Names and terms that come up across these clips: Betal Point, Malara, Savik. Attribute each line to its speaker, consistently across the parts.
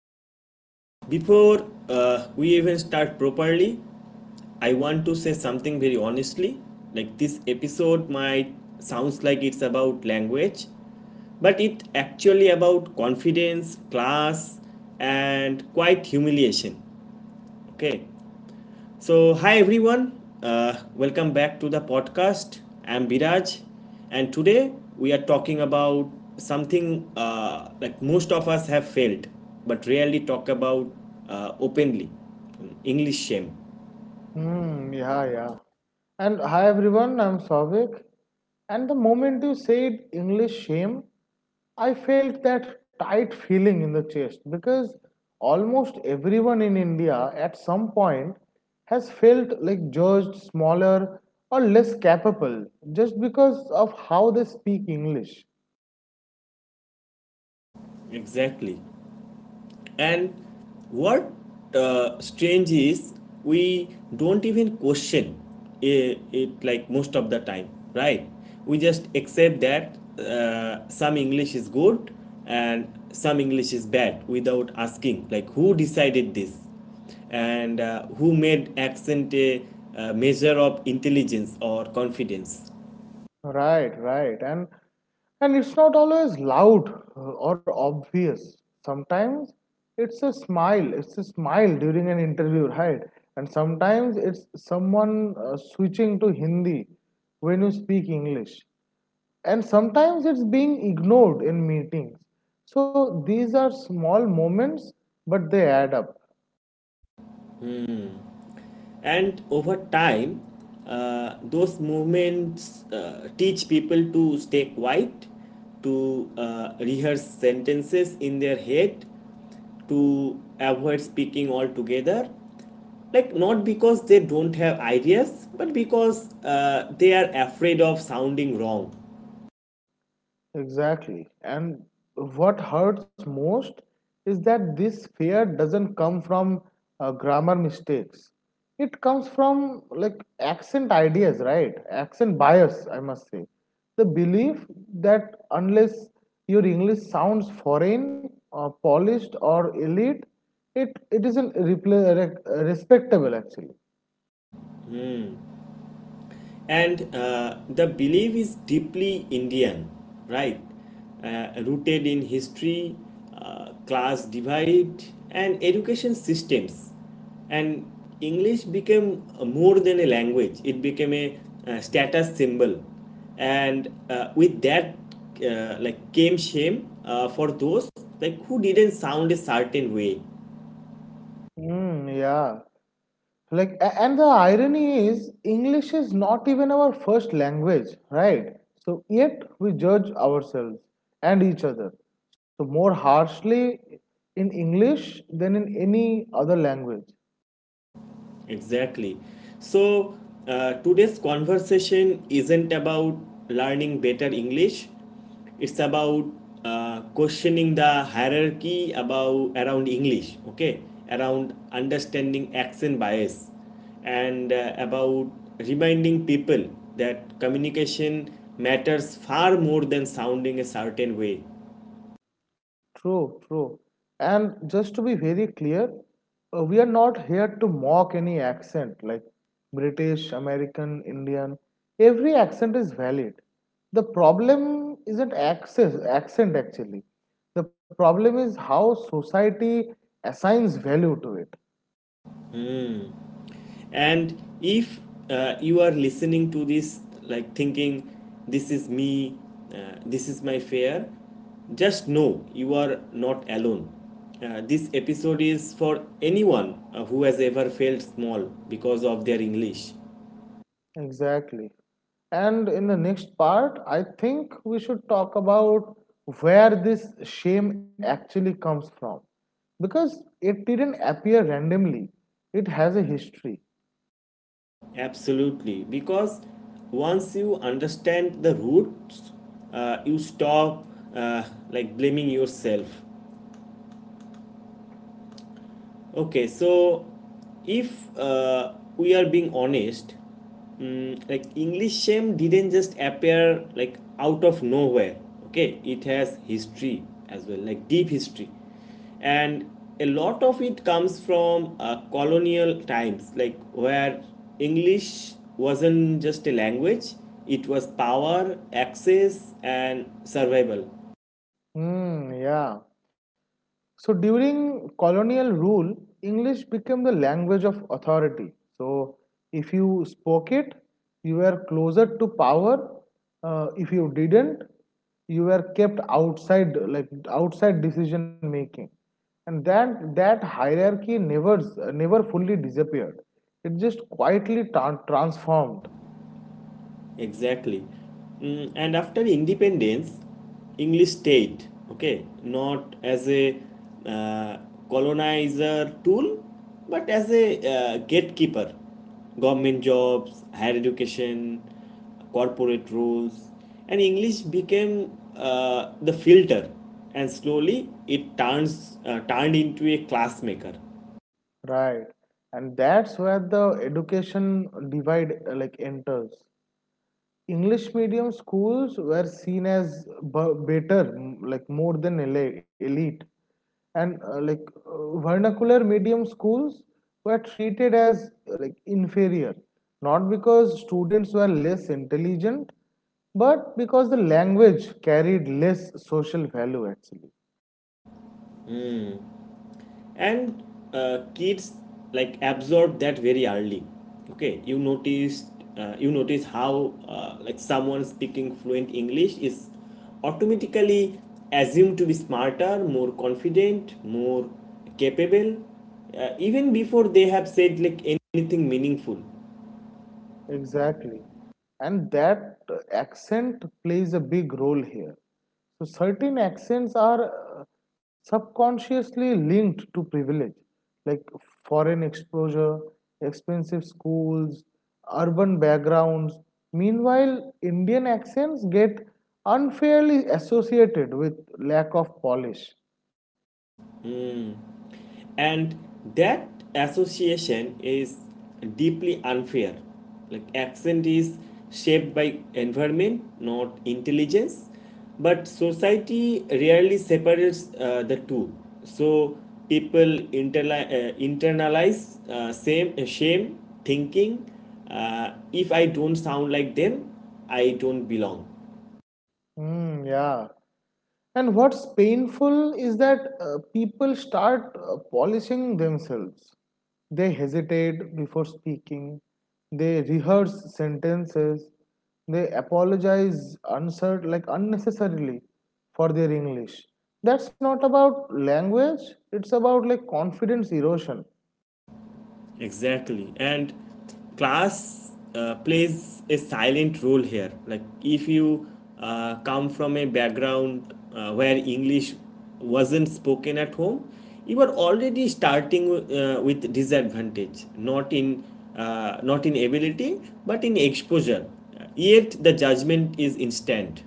Speaker 1: so before we even start properly, I want to say something very honestly. Like this episode might sounds like it's about language, but it actually about confidence, class, and quite humiliation. Okay, so, hi everyone, welcome back to the podcast. I'm Biraj, and today we are talking about something like most of us have failed but rarely talk about openly English shame.
Speaker 2: Hmm, yeah, yeah. And hi everyone, I'm Savik. And the moment you said English shame, I felt that tight feeling in the chest because almost everyone in India at some point has felt like judged, smaller, or less capable just because of how they speak English.
Speaker 1: Exactly. And what strange is, we don't even question it, like most of the time, right? We just accept that some English is good and some English is bad without asking, like, who decided this? And who made accent a measure of intelligence or confidence?
Speaker 2: Right, right. And it's not always loud or obvious. Sometimes it's a smile. It's a smile during an interview, right? And sometimes it's someone switching to Hindi when you speak English. And sometimes it's being ignored in meetings. So these are small moments, but they add up.
Speaker 1: And over time, those movements teach people to stay quiet, to rehearse sentences in their head, to avoid speaking altogether. Like, not because they don't have ideas, but because they are afraid of sounding wrong.
Speaker 2: Exactly. And what hurts most is that this fear doesn't come from grammar mistakes. It comes from like accent ideas, right? Accent bias, I must say. The belief that unless your English sounds foreign or polished or elite, it isn't respectable actually.
Speaker 1: And the belief is deeply Indian, right? Rooted in history, class divide, and education systems. And English became more than a language, it became a status symbol. And with that, like came shame for those like who didn't sound a certain way.
Speaker 2: Mm, yeah. Like, and the irony is, English is not even our first language, right? So, yet we judge ourselves and each other so more harshly in English than in any other language.
Speaker 1: Exactly. So, today's conversation isn't about learning better English. It's about questioning the hierarchy about around English, okay? Around understanding accent bias and about reminding people that communication matters far more than sounding a certain way.
Speaker 2: True, true. And just to be very clear, we are not here to mock any accent like British, American, Indian. Every accent is valid. The problem isn't access, accent actually. The problem is how society assigns value to it.
Speaker 1: And if you are listening to this like thinking this is me, this is my fear, just know you are not alone. This episode is for anyone who has ever felt small because of their english.
Speaker 2: Exactly. And in the next part, I think we should talk about where this shame actually comes from. Because it didn't appear randomly, it has a history.
Speaker 1: Absolutely, because once you understand the roots, you stop uh, blaming yourself. Okay, so if we are being honest, like English shame didn't just appear like out of nowhere. Okay, it has history as well, like deep history, and a lot of it comes from colonial times, like where English wasn't just a language; it was power, access, and survival.
Speaker 2: Hmm, yeah. So during colonial rule, English became the language of authority. So if you spoke it, you were closer to power. If you didn't, you were kept outside, like outside decision making. And that hierarchy never fully disappeared. It just quietly transformed,
Speaker 1: Exactly. And after independence, English stayed, okay, not as a uh, colonizer tool, but as a gatekeeper. Government jobs, higher education, corporate rules, and English became the filter, and slowly it turns turned into a classmaker.
Speaker 2: right? And that's where the education divide like enters. English medium schools were seen as better, like more than elite, and vernacular medium schools were treated as like inferior, not because students were less intelligent, but because the language carried less social value actually.
Speaker 1: And kids like absorb that very early. Okay, you notice how like someone speaking fluent english is automatically assumed to be smarter, more confident, more capable, even before they have said like anything meaningful.
Speaker 2: Exactly. And that accent plays a big role here. So, certain accents are subconsciously linked to privilege, like foreign exposure, expensive schools, urban backgrounds. Meanwhile, Indian accents get unfairly associated with lack of polish.
Speaker 1: And that association is deeply unfair, like accent is shaped by environment, not intelligence, but society rarely separates the two. So people internalize same shame, thinking, if I don't sound like them, I don't belong.
Speaker 2: Hmm, yeah. And what's painful is that people start polishing themselves. They hesitate before speaking, they rehearse sentences, they apologize like unnecessarily for their English. That's not about language, it's about like confidence erosion.
Speaker 1: Exactly. And class plays a silent role here. Like, if you come from a background where English wasn't spoken at home, you are already starting with disadvantage, not in ability, but in exposure. Yet the judgment is instant.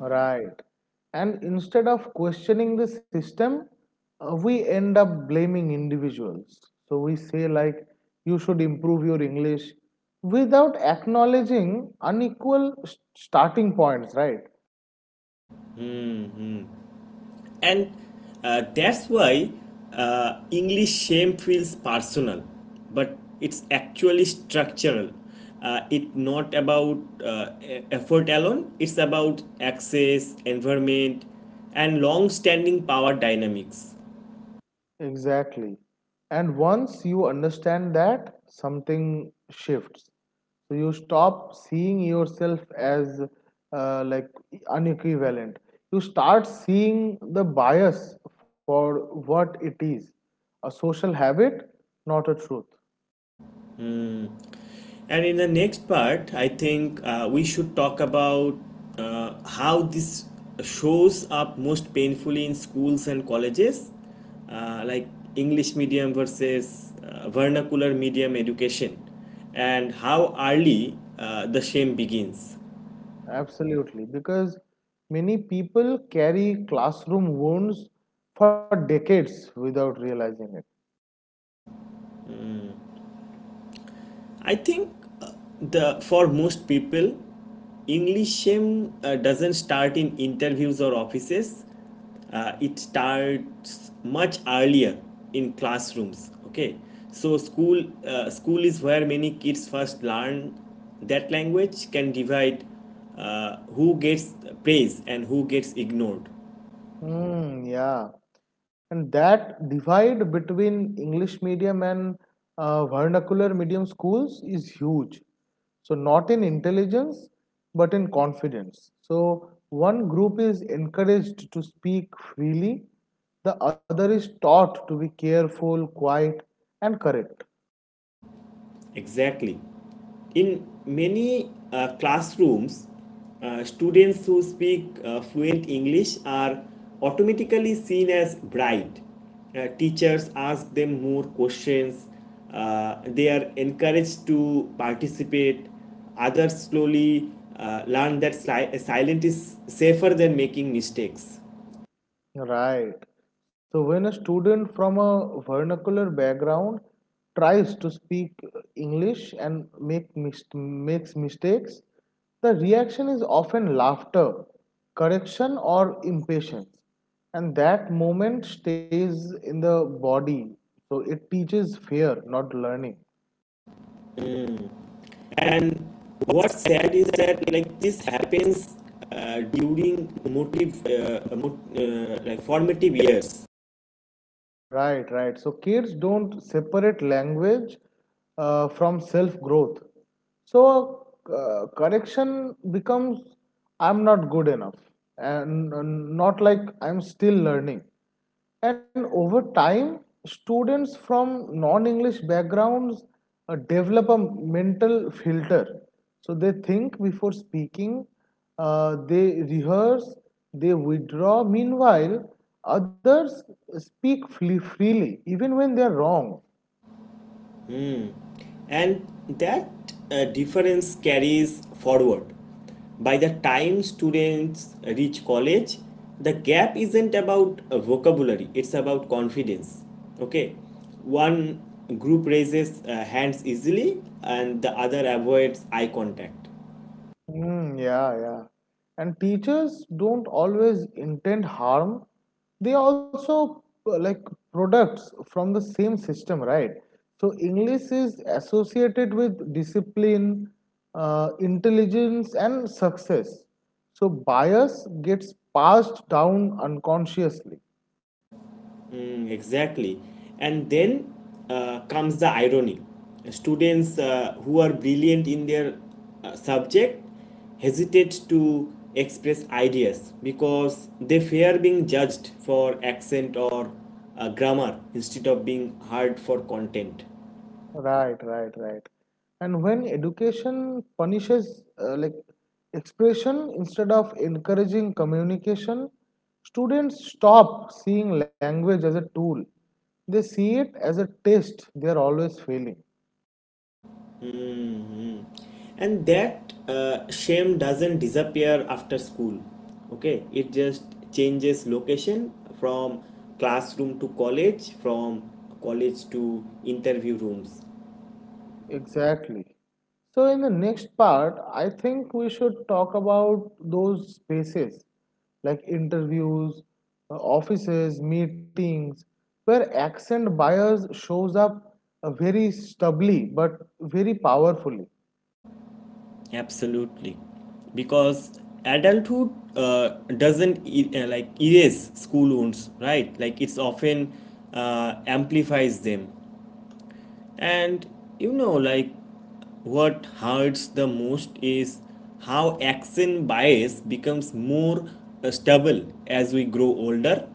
Speaker 2: Right. And instead of questioning the system, we end up blaming individuals. So we say, like, you should improve your English without acknowledging unequal starting points, right?
Speaker 1: And that's why English shame feels personal, but it's actually structural. It's not about effort alone, it's about access, environment, and long standing power dynamics.
Speaker 2: Exactly. And once you understand that, something shifts. So you stop seeing yourself as uh, like unequivalent. You start seeing the bias for what it is a social habit, not a truth.
Speaker 1: And in the next part, I think we should talk about how this shows up most painfully in schools and colleges, like English medium versus vernacular medium education, and how early the shame begins.
Speaker 2: Absolutely. Because many people carry classroom wounds for decades without realizing it.
Speaker 1: I think uh, the for most people, English shame doesn't start in interviews or offices. It starts much earlier in classrooms. Okay, so school is where many kids first learn that language can divide who gets praise and who gets ignored.
Speaker 2: Mm, yeah. And that divide between English medium and vernacular medium schools is huge. So, not in intelligence, but in confidence. So, one group is encouraged to speak freely, the other is taught to be careful, quiet, and correct.
Speaker 1: Exactly. In many classrooms, students who speak fluent English are automatically seen as bright. Teachers ask them more questions. They are encouraged to participate. Others slowly learn that silent is safer than making mistakes.
Speaker 2: Right. So when a student from a vernacular background tries to speak English and makes mistakes, the reaction is often laughter, correction, or impatience. And that moment stays in the body. So it teaches fear, not learning.
Speaker 1: And what's sad is that like this happens during like formative years,
Speaker 2: Right, right. So kids don't separate language from self growth. So correction becomes I'm not good enough, and not like I'm still learning. And over time, students from non English backgrounds develop a mental filter. So they think before speaking, they rehearse, they withdraw. Meanwhile, others speak freely, even when they are wrong.
Speaker 1: and that difference carries forward. By the time students reach college, the gap isn't about vocabulary; it's about confidence. Okay, one group raises hands easily, and the other avoids eye contact.
Speaker 2: Mm, yeah, yeah. And teachers don't always intend harm. They also like products from the same system, right? So English is associated with discipline, intelligence, and success. So bias gets passed down unconsciously.
Speaker 1: Mm, exactly. And then comes the irony. Students who are brilliant in their subject hesitate to express ideas because they fear being judged for accent or grammar instead of being heard for content.
Speaker 2: Right, right, right. And when education punishes like expression instead of encouraging communication, students stop seeing language as a tool. They see it as a test they are always failing.
Speaker 1: Mhm. And that shame doesn't disappear after school, okay, it just changes location, from classroom to college, from college to interview rooms.
Speaker 2: Exactly. So, in the next part, I think we should talk about those spaces like interviews, offices, meetings, where accent bias shows up very stubbly but very powerfully.
Speaker 1: Absolutely, because adulthood uh, doesn't like erase school wounds, right? Like it's often amplifies them. And you know, like what hurts the most is how action bias becomes more stubble as we grow older.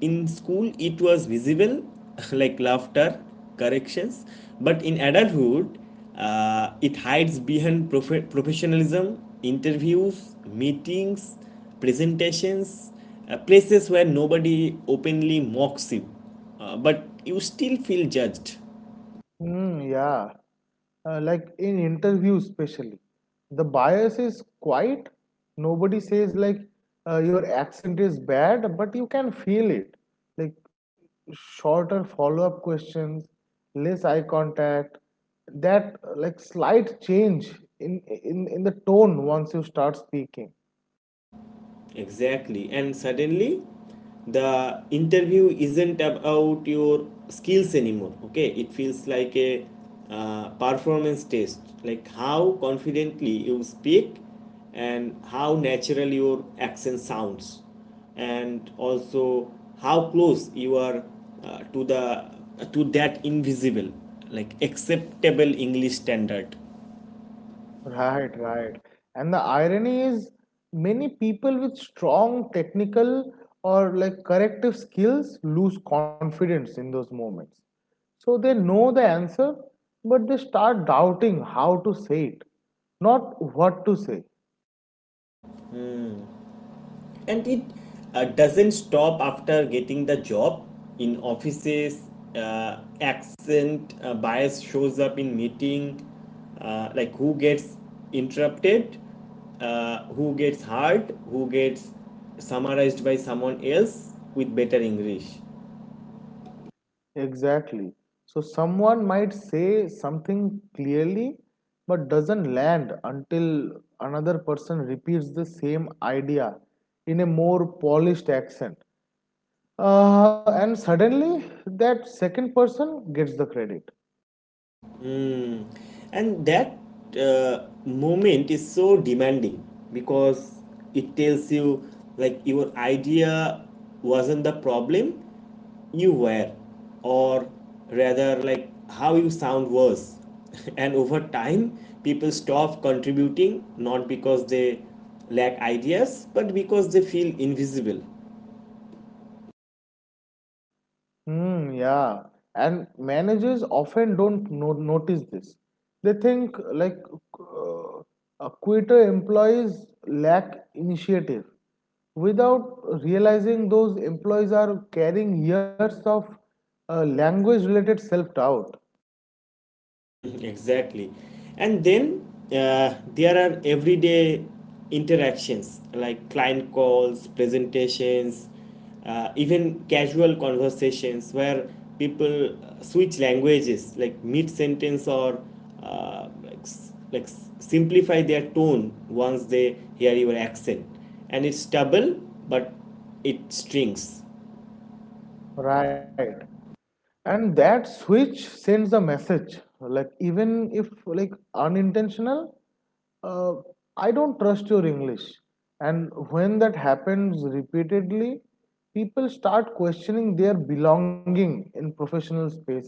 Speaker 1: In school, it was visible, like laughter, corrections, but in adulthood, it hides behind professionalism, interviews, meetings, presentations, places where nobody openly mocks you, but you still feel judged.
Speaker 2: Hmm, yeah. Like in interviews, especially, the bias is quiet. Nobody says like your accent is bad, but you can feel it. Like shorter follow-up questions, less eye contact, that like slight change in the tone once you start speaking.
Speaker 1: Exactly. And suddenly, the interview isn't about your skills anymore. Okay, it feels like a performance test, like how confidently you speak and how natural your accent sounds, and also how close you are to the to that invisible, like acceptable English standard.
Speaker 2: Right, right. And the irony is, many people with strong technical or like corrective skills lose confidence in those moments. So they know the answer, but they start doubting how to say it, not what to say.
Speaker 1: And it doesn't stop after getting the job. In offices, accent bias shows up in meeting, like who gets interrupted, who gets heard, who gets summarized by someone else with better english.
Speaker 2: Exactly. So someone might say something clearly, but doesn't land until another person repeats the same idea in a more polished accent. And suddenly that second person gets the credit.
Speaker 1: Mm. And that moment is so demanding because it tells you like your idea wasn't the problem, you were, or rather, like how you sound was. And over time, people stop contributing not because they lack ideas but because they feel invisible.
Speaker 2: Hmm, yeah. And managers often don't notice this. They think like uh, quitter employees lack initiative without realizing those employees are carrying years of language related self doubt.
Speaker 1: Hmm, exactly. And then there are everyday interactions like client calls, presentations, even casual conversations where people switch languages like mid sentence or simplify their tone once they hear your accent. And it's double, but it strings.
Speaker 2: Right. And that switch sends a message like even if like unintentional uh, I don't trust your English. And when that happens repeatedly, people start questioning their belonging in professional spaces.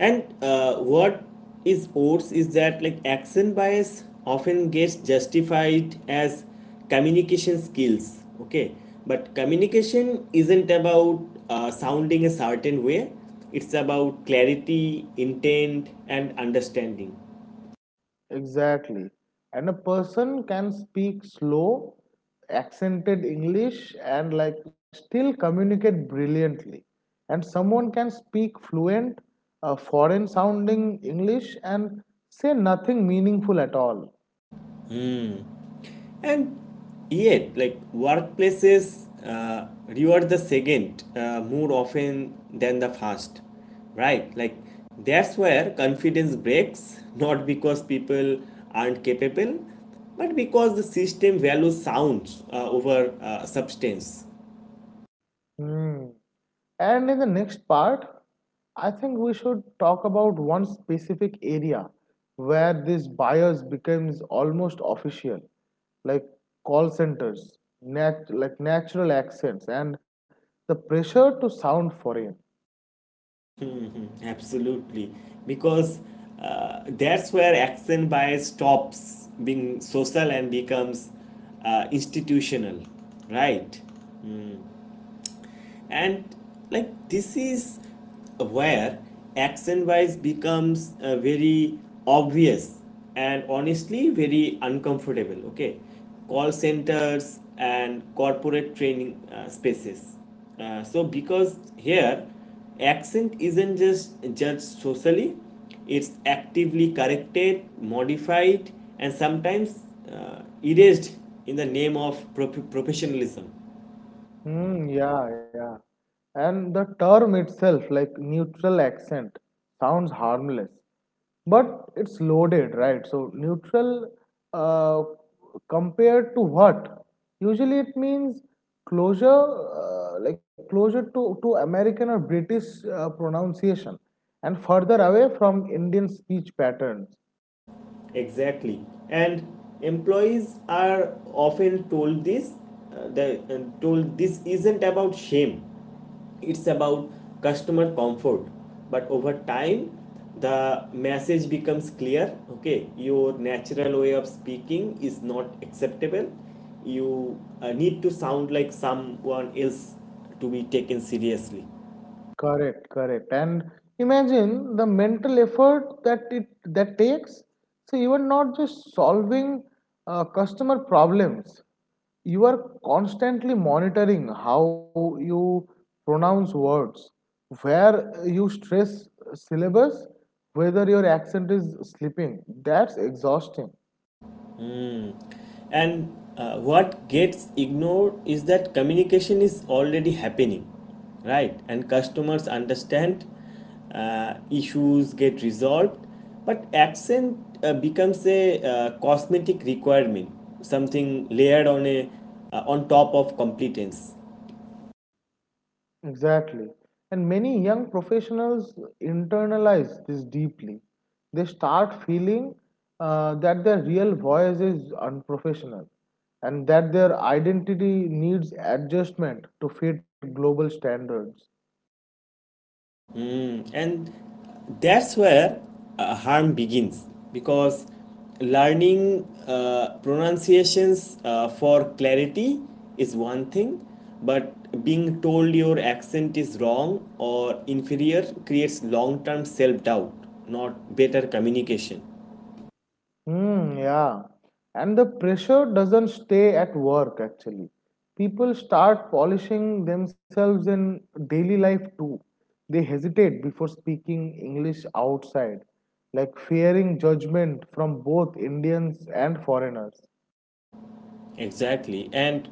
Speaker 1: And what is worse is that like action bias often gets justified as communication skills. Okay, but communication isn't about sounding a certain way. It's about clarity, intent, and understanding.
Speaker 2: Exactly. And a person can speak slow, accented English and like still communicate brilliantly. And someone can speak fluent, foreign sounding English and say nothing meaningful at all.
Speaker 1: And yet, like workplaces reward the second more often than the first, right? Like that's where confidence breaks, not because people aren't capable, but because the system values sounds over substance.
Speaker 2: Hmm. And in the next part, I think we should talk about one specific area where this bias becomes almost official, like call centers, like natural accents, and the pressure to sound foreign.
Speaker 1: Absolutely, because that's where action bias stops being social and becomes institutional, right? And like this is where action wise becomes very obvious and honestly very uncomfortable. Okay, call centers and corporate training spaces, so because here accent isn't just judged socially, it's actively corrected, modified, and sometimes erased in the name of professionalism.
Speaker 2: Hmm, yeah, yeah. And the term itself, like neutral accent, sounds harmless, but it's loaded, right? So, neutral uh, compared to what? Usually it means closure, like closer to American or British pronunciation and further away from Indian speech patterns.
Speaker 1: Exactly. And employees are often told this, they told this isn't about shame. It's about customer comfort. But over time the message becomes clear, okay, your natural way of speaking is not acceptable. You need to sound like someone else to be taken seriously.
Speaker 2: Correct, correct. And imagine the mental effort that it that takes. So you are not just solving customer problems. You are constantly monitoring how you pronounce words, where you stress syllables, whether your accent is slipping. That's exhausting.
Speaker 1: And what gets ignored is that communication is already happening, right? And customers understand, issues get resolved, but accent becomes a cosmetic requirement, something layered on a on top of competence.
Speaker 2: Exactly. And many young professionals internalize this deeply. They start feeling that their real voice is unprofessional and that their identity needs adjustment to fit global standards.
Speaker 1: Mm, and that's where harm begins, because learning pronunciations for clarity is one thing, but being told your accent is wrong or inferior creates long-term self-doubt, not better communication.
Speaker 2: Hmm, yeah. And the pressure doesn't stay at work actually. People start polishing themselves in daily life too. They hesitate before speaking English outside, like fearing judgment from both Indians and foreigners.
Speaker 1: Exactly. And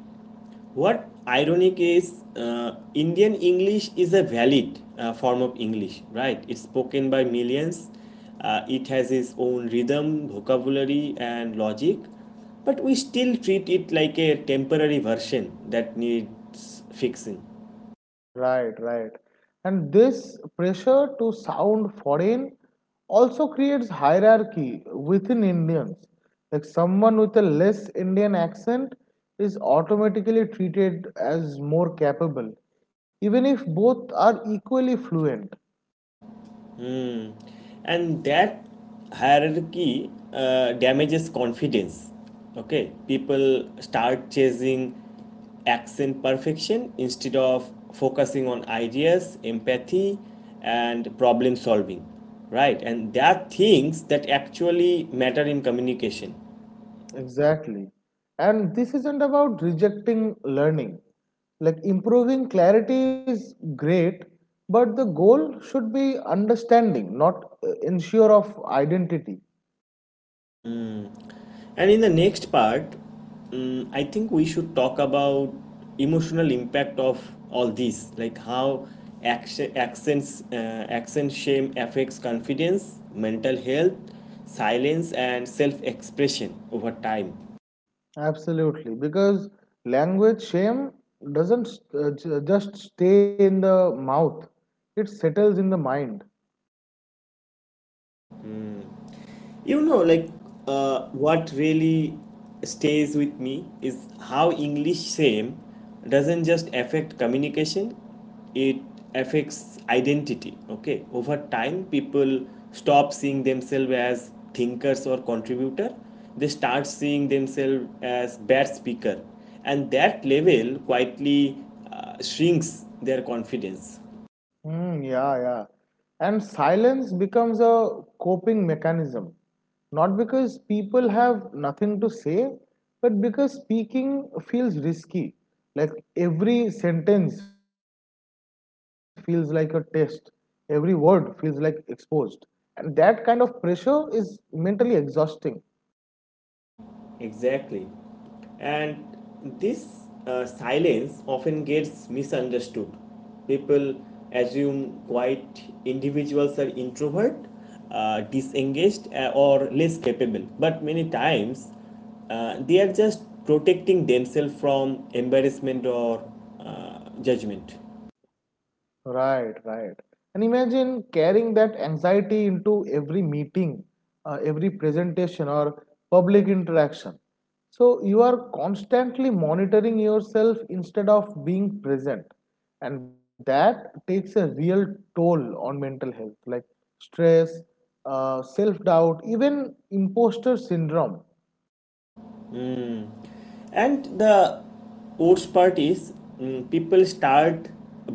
Speaker 1: what ironic is, Indian English is a valid form of English, right? It's spoken by millions. It has its own rhythm, vocabulary, and logic. But we still treat it like a temporary version that needs fixing.
Speaker 2: Right, right. And this pressure to sound foreign also creates hierarchy within Indians. Like someone with a less Indian accent is automatically treated as more capable, even if both are equally fluent.
Speaker 1: And that hierarchy damages confidence. Okay, people start chasing accent perfection instead of focusing on ideas, empathy, and problem solving, right? And there are things that actually matter in communication.
Speaker 2: Exactly. And this isn't about rejecting learning. Like improving clarity is great, but the goal should be understanding, not ensure of identity.
Speaker 1: And in the next part, I think we should talk about emotional impact of all this, like how action, accents, uh, accent shame affects confidence, mental health, silence, and self-expression over time.
Speaker 2: Absolutely, because language shame doesn't just stay in the mouth, it settles in the mind.
Speaker 1: You know, like what really stays with me is how english same doesn't just affect communication, it affects identity. Okay, over time people stop seeing themselves as thinkers or contributor, they start seeing themselves as bad speaker, and that level quietly shrinks their confidence.
Speaker 2: Hmm, yeah, yeah. And silence becomes a coping mechanism, not because people have nothing to say, but because speaking feels risky. Like every sentence feels like a test, every word feels like exposed. And that kind of pressure is mentally exhausting.
Speaker 1: Exactly. And this silence often gets misunderstood. People assume quiet individuals are introvert, disengaged, or less capable. But many times they are just protecting themselves from embarrassment or judgment.
Speaker 2: Right, right. And imagine carrying that anxiety into every meeting, every presentation, or public interaction. So you are constantly monitoring yourself instead of being present. And that takes a real toll on mental health, like stress, self doubt, even imposter syndrome.
Speaker 1: And the worst part is, people start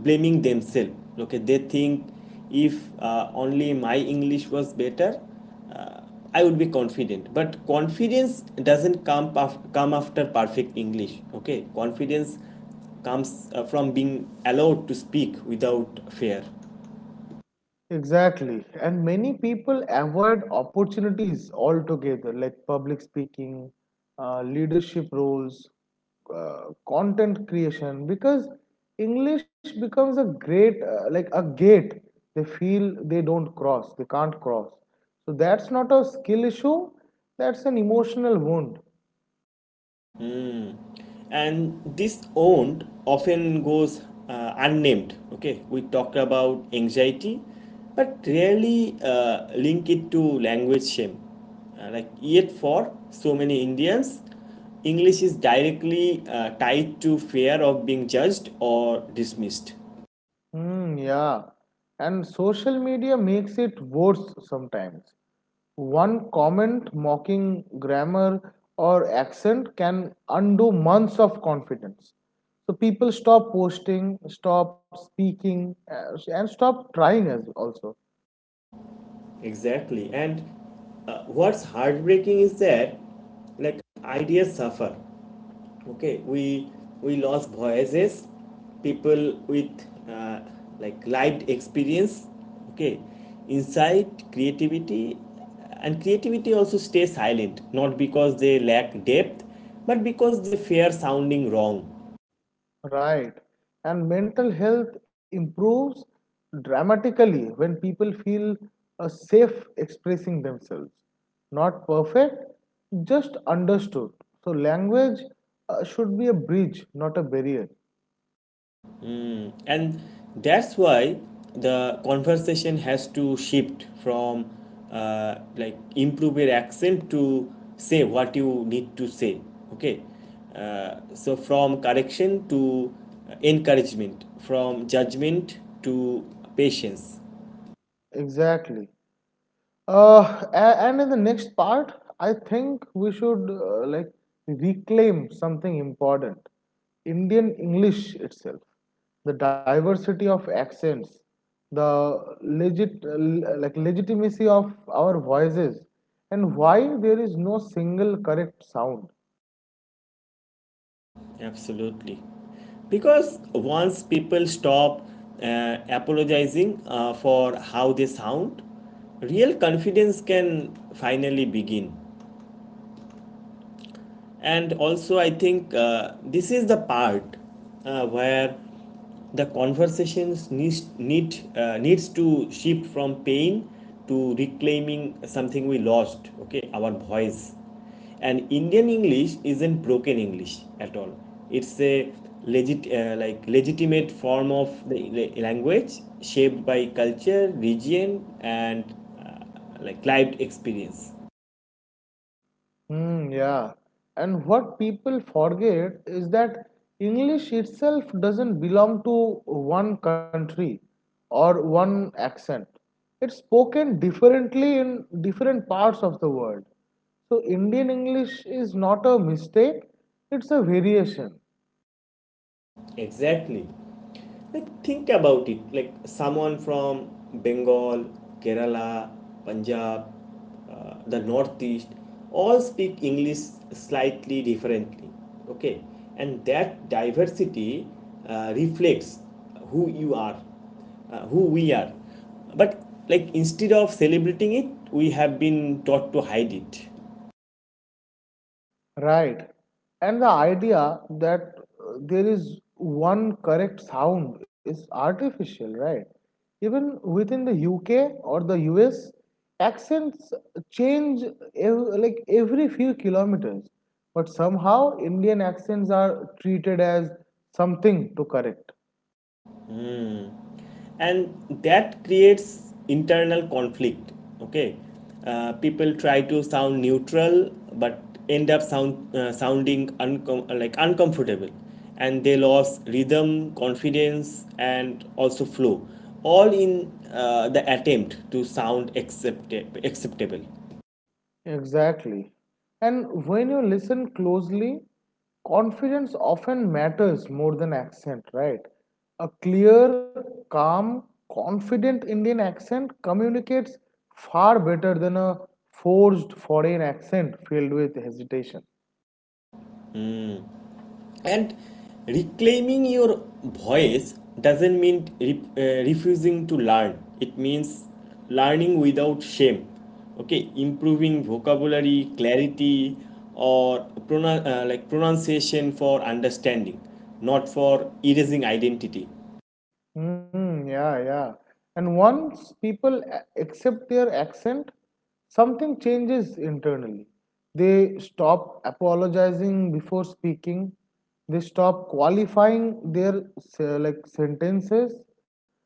Speaker 1: blaming themselves. Okay, they think if only my English was better, uh, I would be confident. But confidence doesn't come come after perfect English. Okay, confidence comes from being allowed to speak without fear.
Speaker 2: Exactly. And many people avoid opportunities altogether, like public speaking, leadership roles, content creation, because English becomes a great, like a gate they feel they don't cross, they can't cross. So that's not a skill issue, that's an emotional wound.
Speaker 1: And this owned often goes unnamed. Okay, we talk about anxiety but rarely link it to language shame. Like yet for so many Indians, English is directly tied to fear of being judged or dismissed.
Speaker 2: Mm, yeah. And social media makes it worse sometimes. One comment mocking grammar or accent can undo months of confidence. So people stop posting, stop speaking, and stop trying as also.
Speaker 1: Exactly. And what's heartbreaking is that, like, ideas suffer. Okay, we lost voices. People with like lived experience, okay, insight, creativity, and creativity also stay silent, not because they lack depth, but because they fear sounding wrong.
Speaker 2: Right. And mental health improves dramatically when people feel safe expressing themselves. Not perfect, just understood. So, language should be a bridge, not a barrier.
Speaker 1: And that's why the conversation has to shift from like improve your accent to say what you need to say. Okay, so from correction to encouragement, from judgment to patience.
Speaker 2: Exactly. And in the next part, I think we should like reclaim something important, Indian English itself, the diversity of accents, the like legitimacy of our voices, and why there is no single correct sound.
Speaker 1: Absolutely, because once people stop apologizing for how they sound, real confidence can finally begin. And also, I think this is the part where the conversations needs to shift from pain to reclaiming something we lost. Okay, our voice. And Indian English isn't broken English at all. It's a legit like legitimate form of the language, shaped by culture, region, and uh, like lived experience.
Speaker 2: Hmm, yeah. And what people forget is that English itself doesn't belong to one country or one accent. It's spoken differently in different parts of the world. So Indian English is not a mistake, it's a variation.
Speaker 1: Exactly. Like think about it. Like someone from Bengal, Kerala, Punjab, the Northeast, all speak English slightly differently. Okay, and that diversity reflects who you are, who we are. But, like, instead of celebrating it, we have been taught to hide it.
Speaker 2: Right. And the idea that there is one correct sound is artificial, right? Even within the UK or the US, accents change like every few kilometers. But somehow, Indian accents are treated as something to correct.
Speaker 1: And that creates internal conflict. Okay, people try to sound neutral but end up sounding like uncomfortable, and they lose rhythm, confidence, and also flow, all in the attempt to sound acceptable.
Speaker 2: Exactly. And when you listen closely, confidence often matters more than accent, right? A clear, calm, confident Indian accent communicates far better than a forced foreign accent filled with hesitation.
Speaker 1: And reclaiming your voice doesn't mean refusing to learn, it means learning without shame. Okay, improving vocabulary, clarity, or like pronunciation for understanding, not for erasing identity.
Speaker 2: Mm, yeah, yeah. And once people accept their accent, something changes internally. They stop apologizing before speaking. They stop qualifying their like sentences.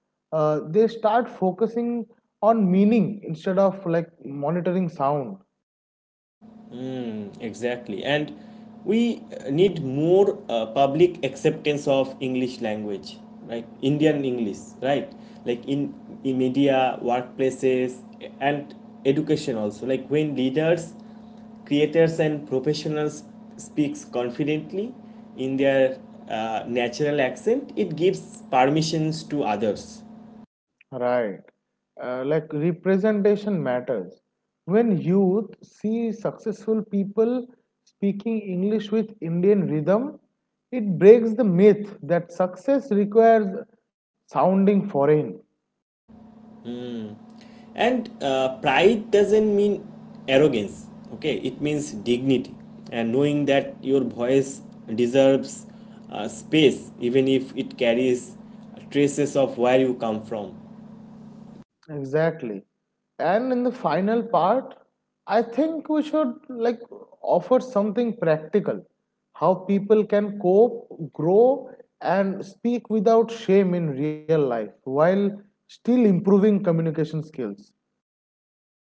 Speaker 2: They start focusing on meaning instead of like monitoring sound.
Speaker 1: Exactly. And we need more public acceptance of English language, right? Indian English, right? Like in media, workplaces, and education also. Like when leaders, creators, and professionals speaks confidently in their natural accent, it gives permissions to others.
Speaker 2: Right. Like representation matters. When youth see successful people speaking English with Indian rhythm, it breaks the myth that success requires sounding foreign.
Speaker 1: And pride doesn't mean arrogance. Okay, it means dignity, and knowing that your voice deserves space, even if it carries traces of where you come from.
Speaker 2: Exactly. And in the final part, I think we should like offer something practical, how people can cope, grow, and speak without shame in real life while still improving communication skills.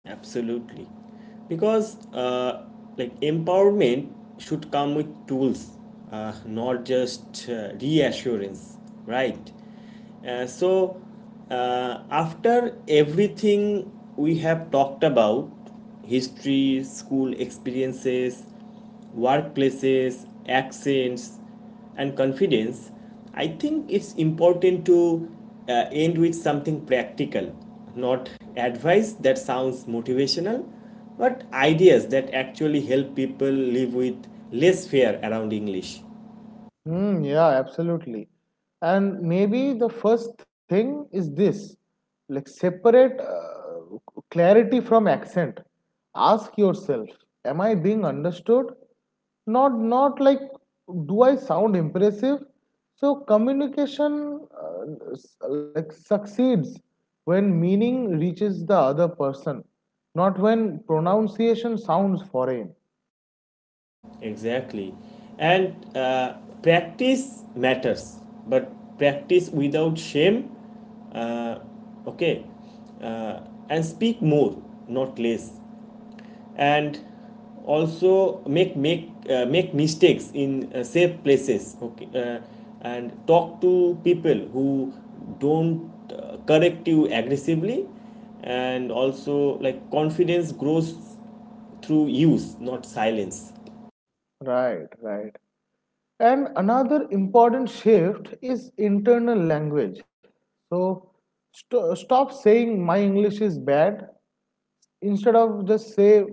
Speaker 1: Absolutely. Because like empowerment should come with tools, not just reassurance, right? So after everything we have talked about, history, school experiences, workplaces, accents, and confidence, I think it's important to end with something practical, not advice that sounds motivational, but ideas that actually help people live with less fear around English.
Speaker 2: Hmm, yeah, absolutely. And maybe the first thing is this, like separate clarity from accent. Ask yourself, am I being understood? Not like do I sound impressive? So communication like succeeds when meaning reaches the other person, not when pronunciation sounds foreign.
Speaker 1: Exactly. And practice matters, but practice without shame. Uh, okay. Uh, and speak more, not less. And also make mistakes in safe places. Okay, and talk to people who don't correct you aggressively. And also, like, confidence grows through use, not silence.
Speaker 2: Right, right. And another important shift is internal language. So stop saying my English is bad, instead of just say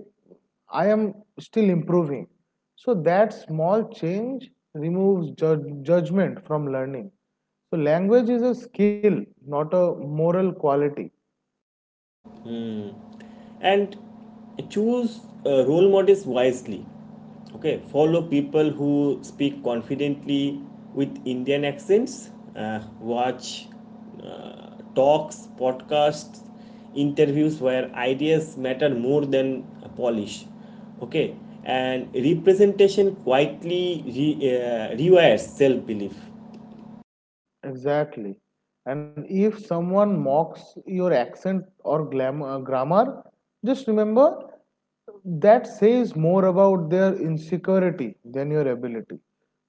Speaker 2: I am still improving. So that small change removes judgment from learning. So language is a skill, not a moral quality.
Speaker 1: And choose role models wisely. Okay, follow people who speak confidently with Indian accents. Watch talks, podcasts, interviews where ideas matter more than polish. Okay, and representation quietly rewires self belief.
Speaker 2: Exactly. And if someone mocks your accent or grammar, just remember that says more about their insecurity than your ability.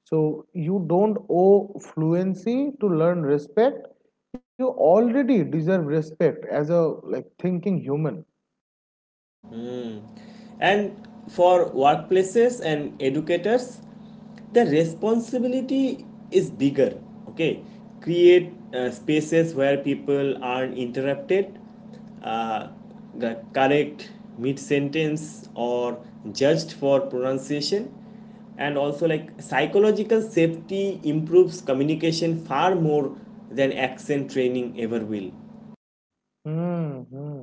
Speaker 2: So you don't owe fluency to learn respect. You already deserve respect as a like thinking human.
Speaker 1: And for workplaces and educators, the responsibility is bigger. Okay, create spaces where people aren't interrupted, uh, correct mid sentence or judged for pronunciation. And also, like, psychological safety improves communication far more than accent training ever will.
Speaker 2: Mm-hmm.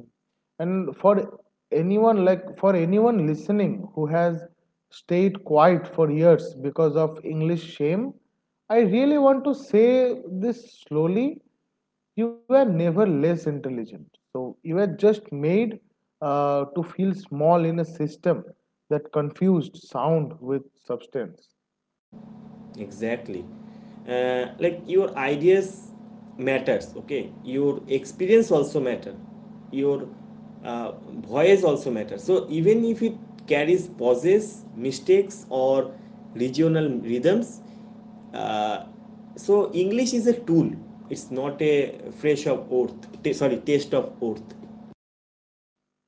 Speaker 2: And for anyone, for anyone listening who has stayed quiet for years because of English shame, I really want to say this slowly. You are never less intelligent. So you are just made to feel small in a system that confused sound with substance.
Speaker 1: Exactly. Like your ideas matters, okay, your experience also matter, your uh, voice also matter. So even if it carries pauses, mistakes, or regional rhythms, uh, so English is a tool, it's not a fresh of earth, sorry, taste of earth.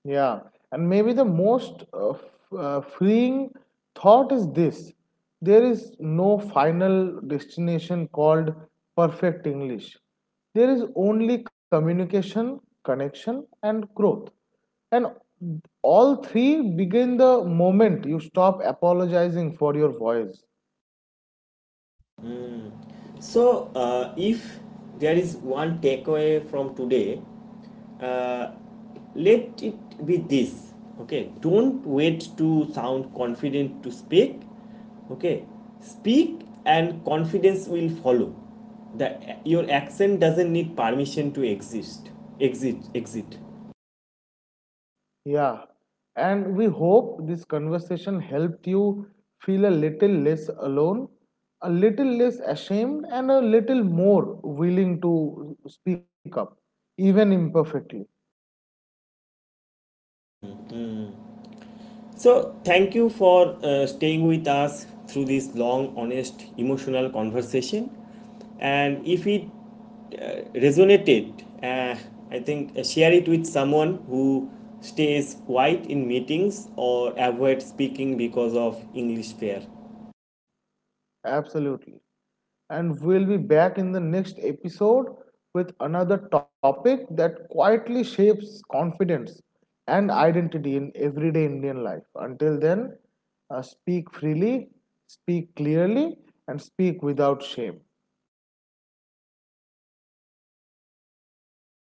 Speaker 2: Yeah, and maybe the most freeing thought is this, there is no final destination called perfect English. There is only communication, connection, and growth. And all three begin the moment you stop apologizing for your voice.
Speaker 1: So, if there is one takeaway from today, uh, let it be this. Okay, don't wait to sound confident to speak. Okay, speak and confidence will follow. The, your accent doesn't need permission to exist. Exit, exit.
Speaker 2: Yeah, and we hope this conversation helped you feel a little less alone, a little less ashamed, and a little more willing to speak up, even imperfectly.
Speaker 1: So, thank you for staying with us through this long, honest, emotional conversation. And if it resonated, I think share it with someone who stays quiet in meetings or avoids speaking because of English fear.
Speaker 2: Absolutely. And we'll be back in the next episode with another topic that quietly shapes confidence and identity in everyday Indian life. Until then, speak freely, speak clearly, and speak without shame.